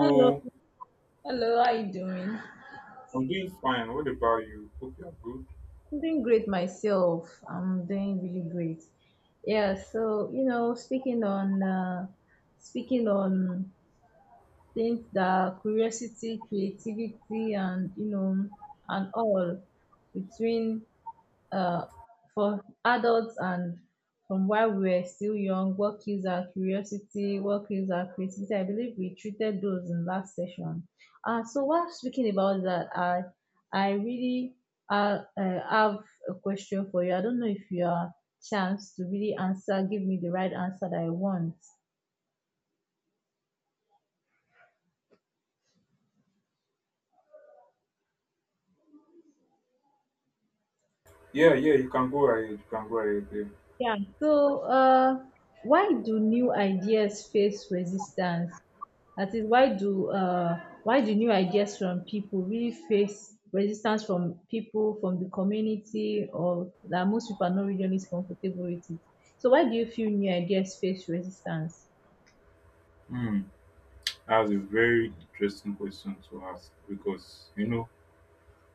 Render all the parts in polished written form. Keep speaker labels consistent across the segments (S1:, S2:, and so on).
S1: Hello. Hello, how you doing? I'm
S2: I'm doing fine. What about you? Hope you're good.
S1: doing great myself. I'm doing really great. Yeah, so you know, speaking on things that curiosity, creativity, and you know, and all between. Uh, for adults and from while we were still young, what kills our curiosity, what kills our creativity, I believe we treated those in last session. So while speaking about that, I really have a question for you. I don't know if you are chance to really answer, give me the right answer that I want.
S2: Yeah, yeah, you can go ahead. You can go ahead. There.
S1: Yeah. So, why do new ideas face resistance? That is, why do new ideas from people really face resistance from people, from the community, or that most people are not really comfortable with it? So, why do you feel new ideas face resistance?
S2: Hmm. That's a very interesting question to ask because, you know,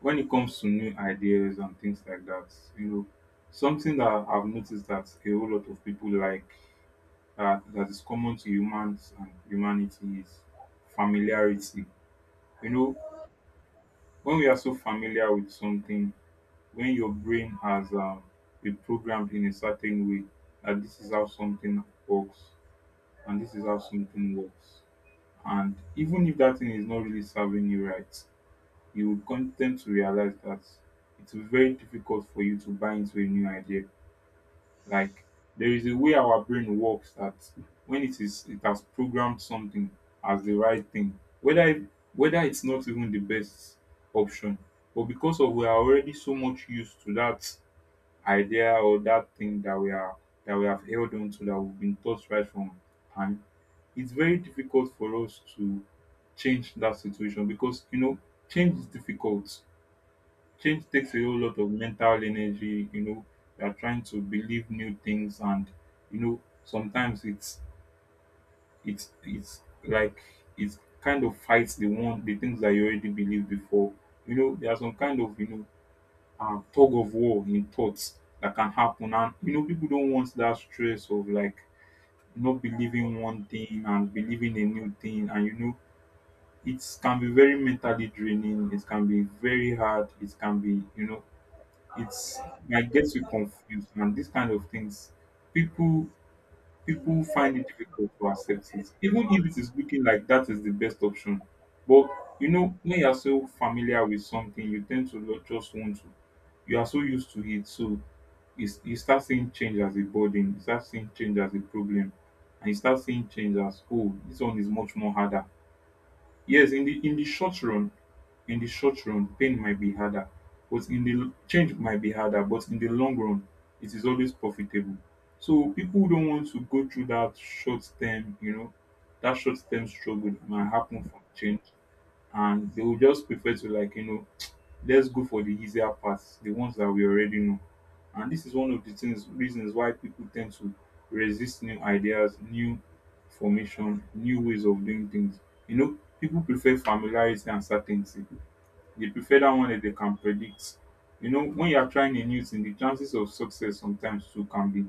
S2: when it comes to new ideas and things like that, you know, something that I've noticed that a whole lot of people like that is common to humans and humanity is familiarity. You know, when we are so familiar with something, when your brain has been programmed in a certain way that this is how something works and this is how something works. And even if that thing is not really serving you right, you will tend to realize that it will be very difficult for you to buy into a new idea. Like there is a way our brain works that when it has programmed something as the right thing, whether it's not even the best option, but because of we are already so much used to that idea or that thing that we are that we have held on to that we've been taught right from time. It's very difficult for us to change that situation because, you know, change is difficult. Change takes a whole lot of mental energy. You know, you are trying to believe new things, and you know, sometimes it's like it kind of fights the things that you already believed before. You know, there are some kind of, you know, tug of war in thoughts that can happen. And you know, people don't want that stress of like not believing one thing and believing a new thing. And you know, it can be very mentally draining. It can be very hard. It can be, you know, it's I might get you confused. And these kind of things, people people find it difficult to accept it, even if it is looking like that is the best option. But you know, when you are so familiar with something, you tend to just want to. You are so used to it, so is you start seeing change as a burden, you start seeing change as a problem, and you start seeing change as, oh, this one is much more harder. Yes, in the short run, pain might be harder, but in the change might be harder, but in the long run, it is always profitable. So people don't want to go through that short term, you know, that short term struggle that might happen from change, and they will just prefer to, like, you know, let's go for the easier paths, the ones that we already know. And this is one of the things reasons why people tend to resist new ideas, new formation, new ways of doing things. You know, people prefer familiarity and certainty. They prefer that one that they can predict. You know, when you are trying a new thing, the chances of success sometimes too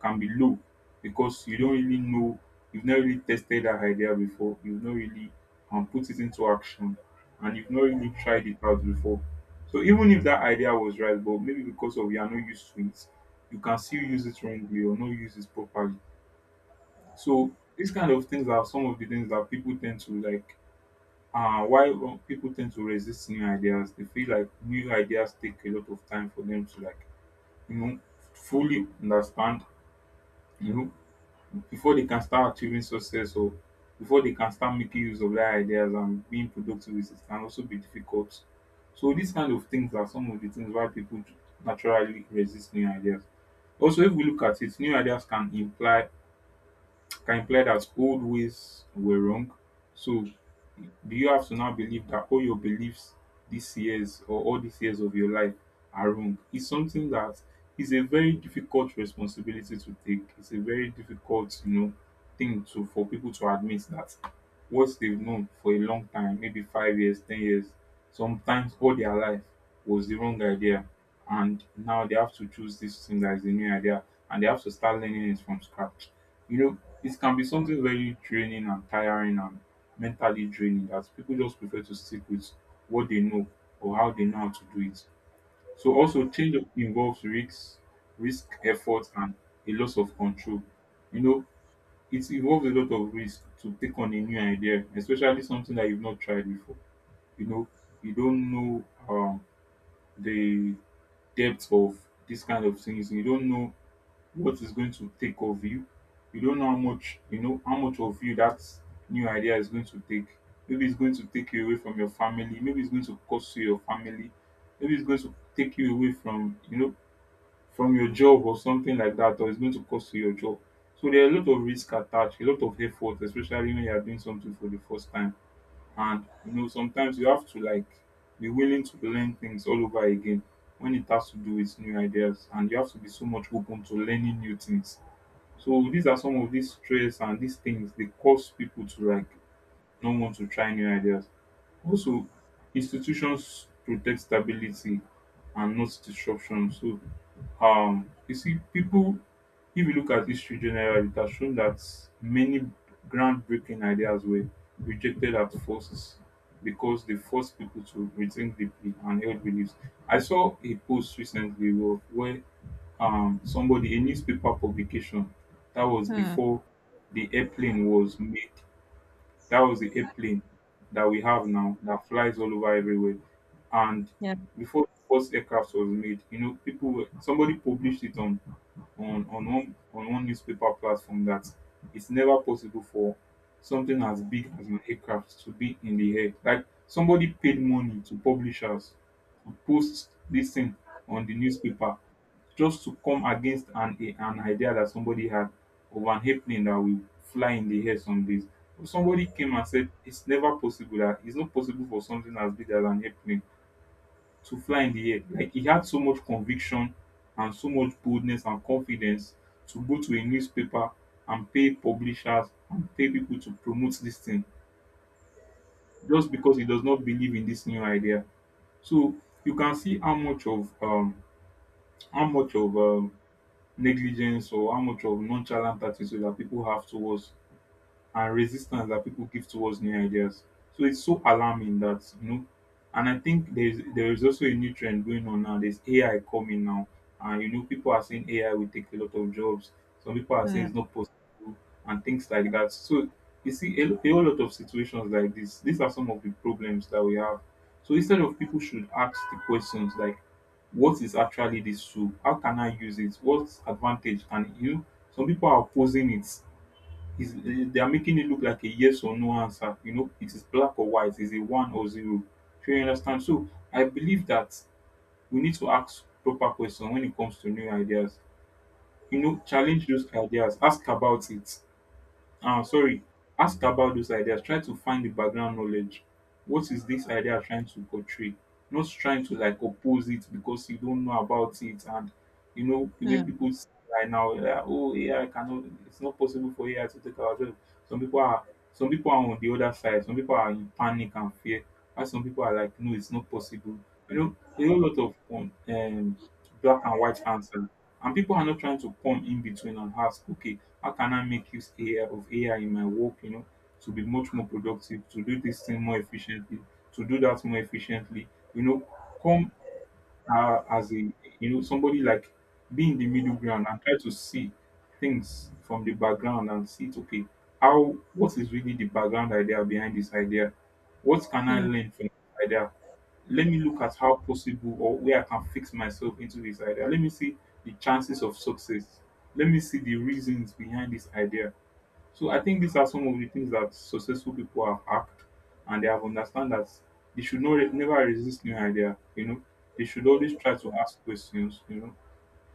S2: can be low because you don't really know, you've not really tested that idea before, you've not really put it into action, and you've not really tried it out before. So even if that idea was right, but maybe because of you are not used to it, you can still use it wrongly or not use it properly. So these kind of things are some of the things that people tend to like why wrong people tend to resist new ideas. They feel like new ideas take a lot of time for them to like, you know, fully understand, you know, before they can start achieving success or before they can start making use of their ideas and being productive with it can also be difficult. So these kind of things are some of the things why people naturally resist new ideas. Also, if we look at it, new ideas can imply that old ways were wrong. So do you have to now believe that all your beliefs these years or all these years of your life are wrong? It's something that is a very difficult responsibility to take. It's a very difficult, you know, thing to for people to admit that what they've known for a long time, maybe 5 years, 10 years, sometimes all their life was the wrong idea. And now they have to choose this thing that is the new idea, and they have to start learning it from scratch. You know, it can be something very draining and tiring and mentally draining that people just prefer to stick with what they know or how they know how to do it. So also change up involves risks, risk effort and a loss of control. You know, it involves a lot of risk to take on a new idea, especially something that you've not tried before. You know, you don't know, um, the depth of this kind of things. You don't know what is going to take of you. You don't know how much, you know, how much of you that new idea is going to take. Maybe it's going to take you away from your family. Maybe it's going to cost you your family. Maybe it's going to take you away from, you know, from your job or something like that, or it's going to cost you your job. So there are a lot of risk attached, a lot of effort, especially when you are doing something for the first time. And you know sometimes you have to like be willing to learn things all over again when it has to do with new ideas, and you have to be so much open to learning new things. So these are some of these stress and these things they cause people to like not want to try new ideas. Also, institutions protect stability and not disruption. So you see people, if you look at history generally, it has shown that many groundbreaking ideas were rejected at forces because they forced people to rethink deeply and held beliefs. I saw a post recently where somebody, a newspaper publication that was
S1: Hmm.
S2: before the airplane was made, that was the airplane that we have now that flies all over everywhere. And
S1: Yeah.
S2: before the first aircraft was made, you know, people were, somebody published it on one newspaper platform that it's never possible for something as big as an aircraft to be in the air. Like somebody paid money to publishers to post this thing on the newspaper just to come against an idea that somebody had of an happening that will fly in the air some days. But somebody came and said it's not possible for something as big as an happening to fly in the air. Like he had so much conviction and so much boldness and confidence to go to a newspaper and pay publishers and pay people to promote this thing just because he does not believe in this new idea. So you can see how much of how much of um negligence or how much of nonchalant attitude that people have towards and resistance that people give towards new ideas. So it's so alarming that, you know, and I think there is also a new trend going on now. There's AI coming now, and you know people are saying AI will take a lot of jobs. Some people are saying
S1: Hmm.
S2: it's not possible and things like that. So you see a a whole lot of situations like this. These are some of the problems that we have. So instead of people should ask the questions like, what is actually this tool? How can I use it? What advantage can you? Some people are opposing it is they are making it look like a yes or no answer. You know, it is black or white, it's a one or zero. Do you understand? So I believe that we need to ask proper questions when it comes to new ideas. You know, challenge those ideas, ask about it. Ah, sorry. Ask about those ideas. Try to find the background knowledge. What is this idea trying to portray? Not trying to like oppose it because you don't know about it. And you know, the way
S1: Hmm.
S2: people say right now, like, oh, AI cannot, it's not possible for AI to take our job. Some people are, some people are on the other side. Some people are in panic and fear. And some people are like, no, it's not possible. You know, there are a lot of black and white answers. And people are not trying to come in between and ask, okay, how can I make use AI of AI in my work, you know, to be much more productive, to do this thing more efficiently, to do that more efficiently, you know, come as a, you know, somebody like be in the middle ground and try to see things from the background and see, it, okay, how, what is really the background idea behind this idea? What can I
S1: Hmm.
S2: learn from this idea? Let me look at how possible or where I can fix myself into this idea. Let me see the chances of success. Let me see the reasons behind this idea. So I think these are some of the things that successful people have act, and they have understand that they should not never resist new idea. You know, they should always try to ask questions. You know,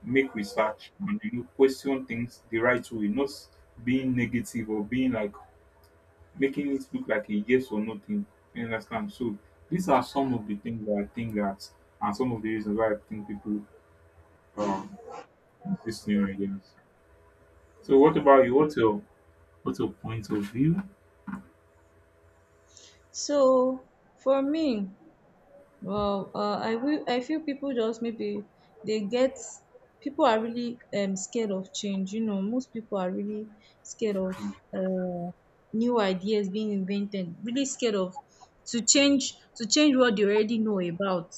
S2: make research, and you know question things the right way, not being negative or being like making it look like a yes or no thing. You understand? So these are some of the things that I think that, and some of the reasons why I think people um use new ideas. So what about you? What's your point of view?
S1: So for me, well, I will, I feel people just maybe they get, people are really scared of change. You know, most people are really scared of
S2: Mm.
S1: uh, new ideas being invented. Really scared of to change, to change what they already know about.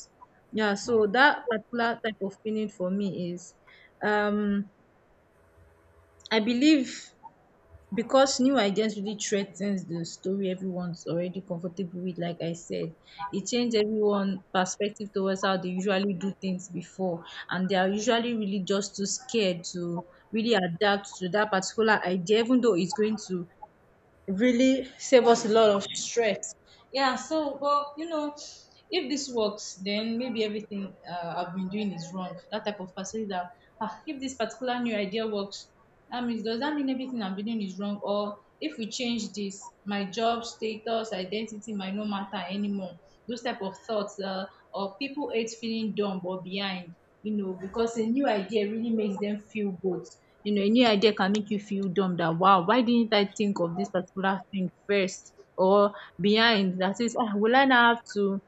S1: Yeah, so that particular type of feeling for me is, um I believe, because new ideas really threatens the story everyone's already comfortable with. Like I said, it changed everyone's perspective towards how they usually do things before, and they are usually really just too scared to really adapt to that particular idea, even though it's going to really save us a lot of stress. Yeah, so but you know, if this works, then maybe everything I've been doing is wrong. That type of person is that, ah, if this particular new idea works, that means, does that mean everything I'm doing is wrong? Or if we change this, my job status, identity might not matter anymore. Those type of thoughts. Or people hate feeling dumb or behind, you know, because a new idea really makes them feel good. You know, a new idea can make you feel dumb, that wow, why didn't I think of this particular thing first, or behind? That is, ah, will I now have to,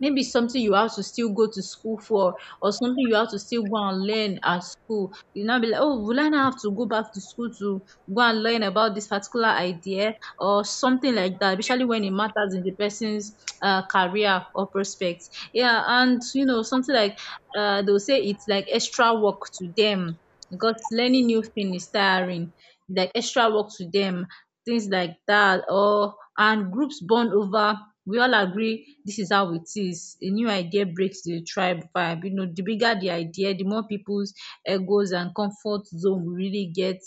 S1: maybe something you have to still go to school for, or something you have to still go and learn at school. You now be like, oh, will I now have to go back to school to go and learn about this particular idea or something like that, especially when it matters in the person's career or prospects. Yeah, and you know, something like, they'll say it's like extra work to them, because learning new thing is tiring, it's like extra work to them, things like that. Or, and groups bond over, we all agree this is how it is, a new idea breaks the tribe vibe. You know, the bigger the idea, the more people's egos and comfort zone will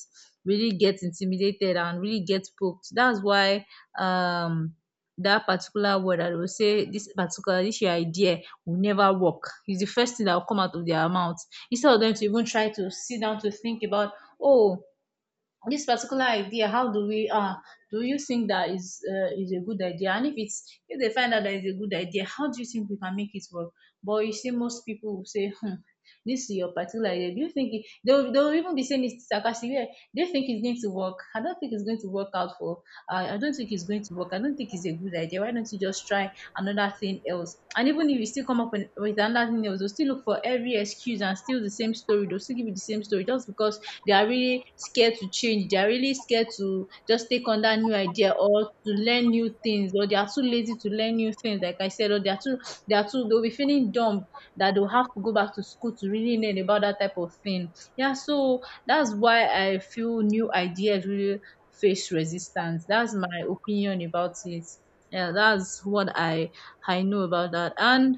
S1: really get intimidated and really get poked. That's why, um that particular word, and they will say this particular, this your idea will never work. It's the first thing that will come out of their mouth, instead of them to even try to sit down to think about, oh, this particular idea, how do we do you think that is a good idea, and if it's, if they find out that it's a good idea, how do you think we can make it work? But you see, most people will say, hmm, this is your particular idea, do you think it, they'll even be saying it's sarcastic, yeah, do you think it's going to work? I don't think it's going to work out for, I don't think it's going to work, I don't think it's a good idea, why don't you just try another thing else? And even if you still come up with another thing else, they'll still look for every excuse and still the same story. They'll still give you the same story just because they are really scared to change. They are really scared to just take on that new idea or to learn new things, or they are too lazy to learn new things, like I said, or they are too, they'll be feeling dumb that they'll have to go back to school to really learn about that type of thing. Yeah, so that's why I feel new ideas really face resistance. That's my opinion about it. Yeah, that's what I know about that. And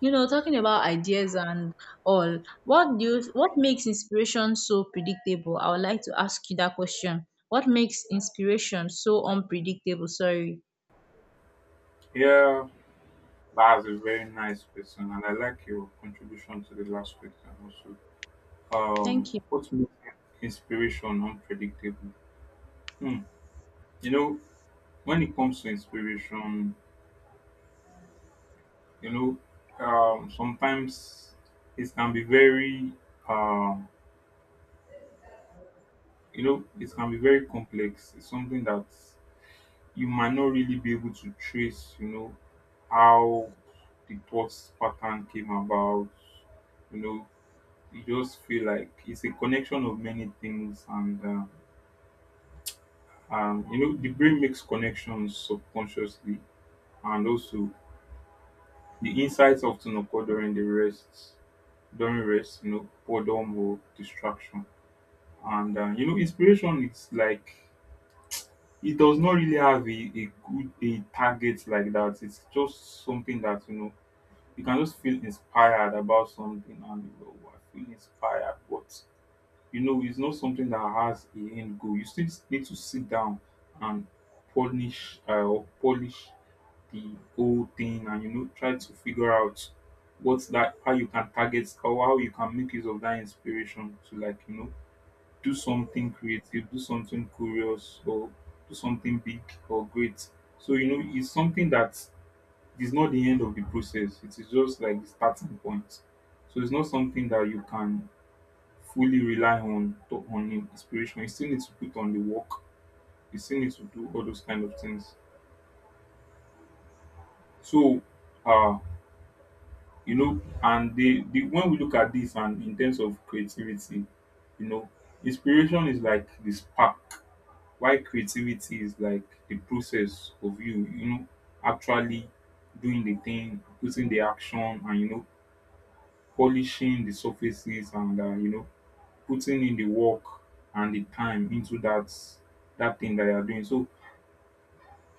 S1: you know, talking about ideas and all, what do you, what makes inspiration so predictable, I would like to ask you that question, what makes inspiration so unpredictable, sorry?
S2: Yeah, that's a very nice question, and I like your contribution to the last question also.
S1: Thank you.
S2: What makes inspiration unpredictable? Hmm. You know, when it comes to inspiration, you know sometimes it can be very um, you know it can be very complex. It's something that you might not really be able to trace, you know, how the thought pattern came about. You know, you just feel like it's a connection of many things, and you know the brain makes connections subconsciously, and also the insights often occur during the rest, during rest, you know, boredom or distraction. And you know, inspiration is like it does not really have a good a target like that. It's just something that, you know, you can just feel inspired about something and you know, "Wow, I feel inspired," but you know, it's not something that has a end goal. You still need to sit down and polish or polish the whole thing and you know try to figure out what's that, how you can target or how you can make use of that inspiration to like, you know, do something creative, do something curious, or do something big or great. So, you know, it's something that is not the end of the process. It is just like the starting point. So it's not something that you can fully rely on on inspiration. You still need to put on the work. You still need to do all those kind of things. So, uh, you know, and the when we look at this, and in terms of creativity, you know, inspiration is like the spark. Why creativity is like the process of you, you know, actually doing the thing, putting the action, and you know, polishing the surfaces, and you know, putting in the work and the time into that that thing that you are doing. So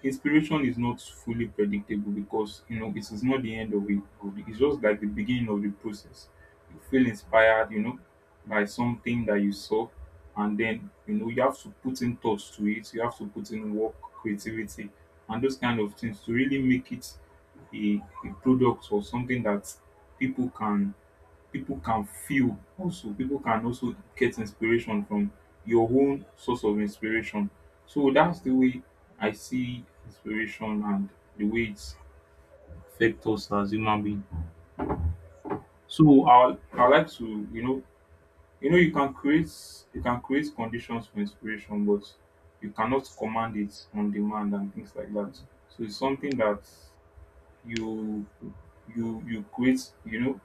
S2: inspiration is not fully predictable, because you know it is not the end of it. It's just like the beginning of the process. You feel inspired, you know, by something that you saw, and then you know you have to put in thoughts to it, you have to put in work, creativity, and those kind of things to really make it a product or something that people can people can feel, also people can also get inspiration from your own source of inspiration. So that's the way I see inspiration and the way it's affect us as human beings. So I like to, you know you can create conditions for inspiration, but you cannot command it on demand and things like that. So it's something that you you create, you know,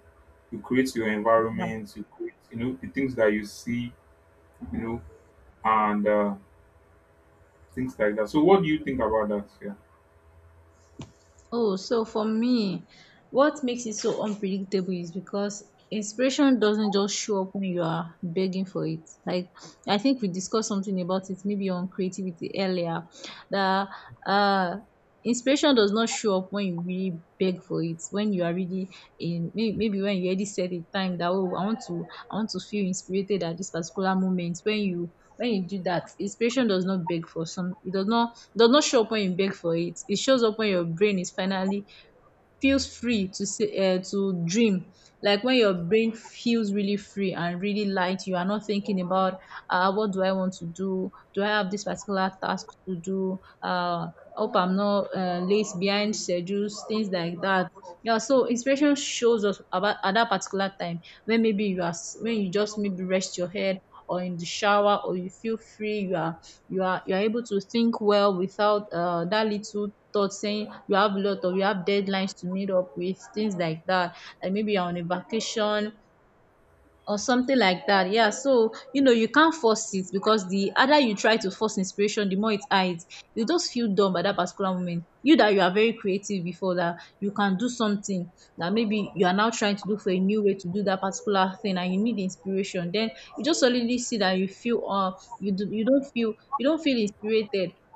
S2: you create your
S1: Yeah.
S2: environment, you create, you know, the things that you see, you know, and things like that. So, what do you think about that? Yeah.
S1: Oh, so for me, what makes it so unpredictable is because inspiration doesn't just show up when you are begging for it. Like, I think we discussed something about it maybe on creativity earlier, that uh inspiration does not show up when you really beg for it, when you are really in may-, maybe when you already set a time that, oh, I want to, I want to feel inspired at this particular moment. When you, when you do that, inspiration does not beg for some, it does not, does not show up when you beg for it. It shows up when your brain is finally feels free to say, to dream. Like when your brain feels really free and really light, you are not thinking about, what do I want to do, do I have this particular task to do, hope I'm not late behind schedules, things like that. Yeah, so inspiration shows us about at that particular time, when maybe you are s-, when you just maybe rest your head, or in the shower, or you feel free, you are, you are, you are able to think well without that little thought saying you have a lot of, you have deadlines to meet up with, things like that, and maybe you're on a vacation or something like that. Yeah, so you know, you can't force it, because the other you try to force inspiration, the more it hides. You just feel dumb at that particular moment, you that you are very creative before that, you can do something that maybe you are now trying to do for a new way to do that particular thing, and you need the inspiration then, you just suddenly see that you feel you do, you don't feel, you don't feel inspired.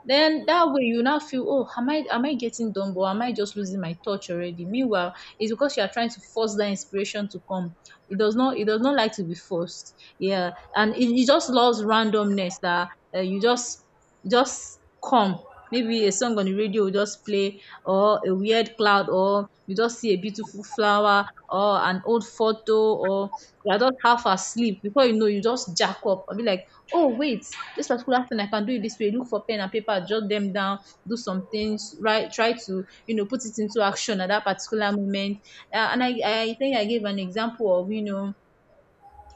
S1: Then that way you now feel, oh, am I, am I getting dumb, or am I just losing my touch already? Meanwhile, it's because you are trying to force that inspiration to come. It does not, it does not like to be forced. Yeah. And it just loves randomness. That you just come. Maybe a song on the radio will just play, or a weird cloud, or you just see a beautiful flower, or an old photo, or you're just half asleep. Before you know, you just jack up and be like, oh wait, this particular thing I can do it this way. Look for pen and paper, jot them down, do some things, right? Try to, you know, put it into action at that particular moment. And I think I gave an example of, you know,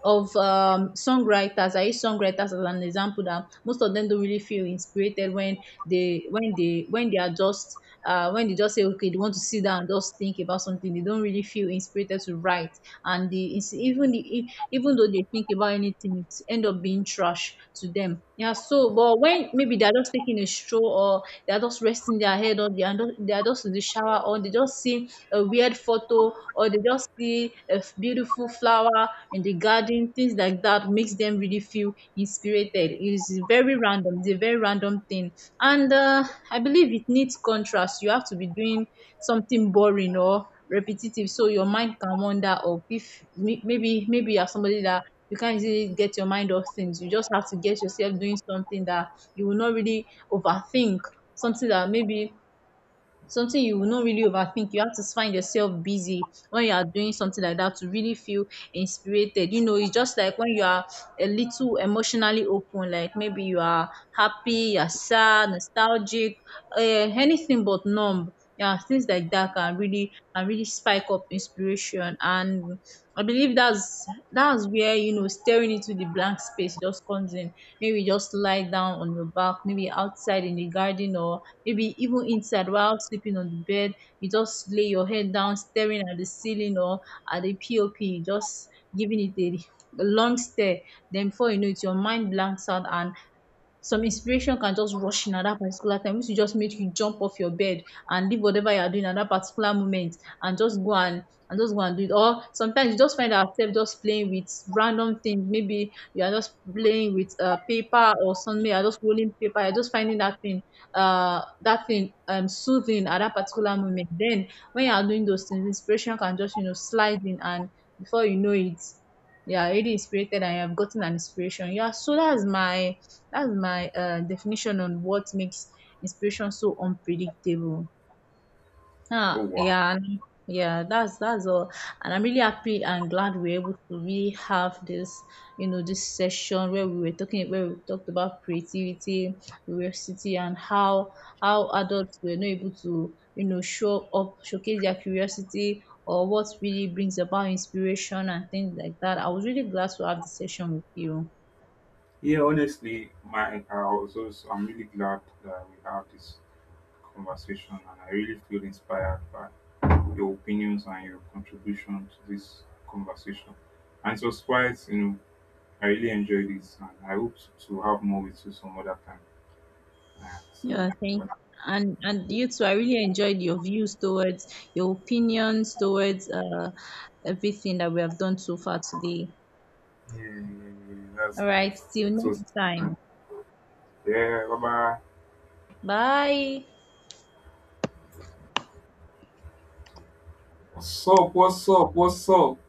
S1: of songwriters. I use songwriters as an example that most of them don't really feel inspired when they, when they, when they are just, when they just say, okay, they want to sit down and just think about something, they don't really feel inspired to write, and the, it's, even the e-, even though they think about anything, it end up being trash to them. Yeah, so but when maybe they're just taking a stroll, or they are just resting their head, or they are just in the shower, or they just see a weird photo, or they just see a f- beautiful flower in the garden, things like that makes them really feel inspirited. It is very random. It's a very random thing. And I believe it needs contrast. You have to be doing something boring or repetitive so your mind can wander off. If may-, maybe maybe you're somebody that you can't easily get your mind off things, you just have to get yourself doing something that you will not really overthink, something that maybe something you will not really overthink. You have to find yourself busy when you are doing something like that to really feel inspired. You know, it's just like when you are a little emotionally open, like maybe you are happy, you're sad, nostalgic, anything but numb. Yeah, things like that can really, can really spike up inspiration. And I believe that's where, you know, staring into the blank space just comes in. Maybe just lie down on your back, maybe outside in the garden, or maybe even inside while sleeping on the bed, you just lay your head down staring at the ceiling, or at the pop, just giving it a long stare, then before you know it, your mind blanks out, and some inspiration can just rush in at that particular time, which will just make you jump off your bed and leave whatever you are doing at that particular moment, and just go and do it. Or sometimes you just find ourselves just playing with random things, maybe you are just playing with paper or something, you are just rolling paper, you're just finding that thing, soothing at that particular moment. Then when you are doing those things, inspiration can just, you know, slide in, and before you know it, you are already inspired and you have gotten an inspiration. Yeah, so that's my, that's my definition on what makes inspiration so unpredictable.
S2: Oh
S1: Ah,
S2: wow.
S1: yeah, and yeah, that's all. And I'm really happy and glad we're able to really have this, you know, this session where we were talking, where we talked about creativity, curiosity, and how adults were not able to, you know, show up, showcase their curiosity, or what really brings about inspiration and things like that. I was really glad to have the session with you.
S2: Yeah, honestly, my I was also I'm really glad that we have this conversation, and I really feel inspired by your opinions and your contribution to this conversation. And it was quite, you know, I really enjoyed it, and I hope to have more with you some other time. Yeah, so,
S1: Yeah, thank,
S2: well,
S1: and you too. I really enjoyed your views towards your opinions towards everything that we have done so far today.
S2: yeah, yeah, yeah, that's
S1: All right,
S2: nice.
S1: till
S2: So,
S1: next time.
S2: yeah, bye bye.
S1: Bye.
S2: What's up? What's up? What's up?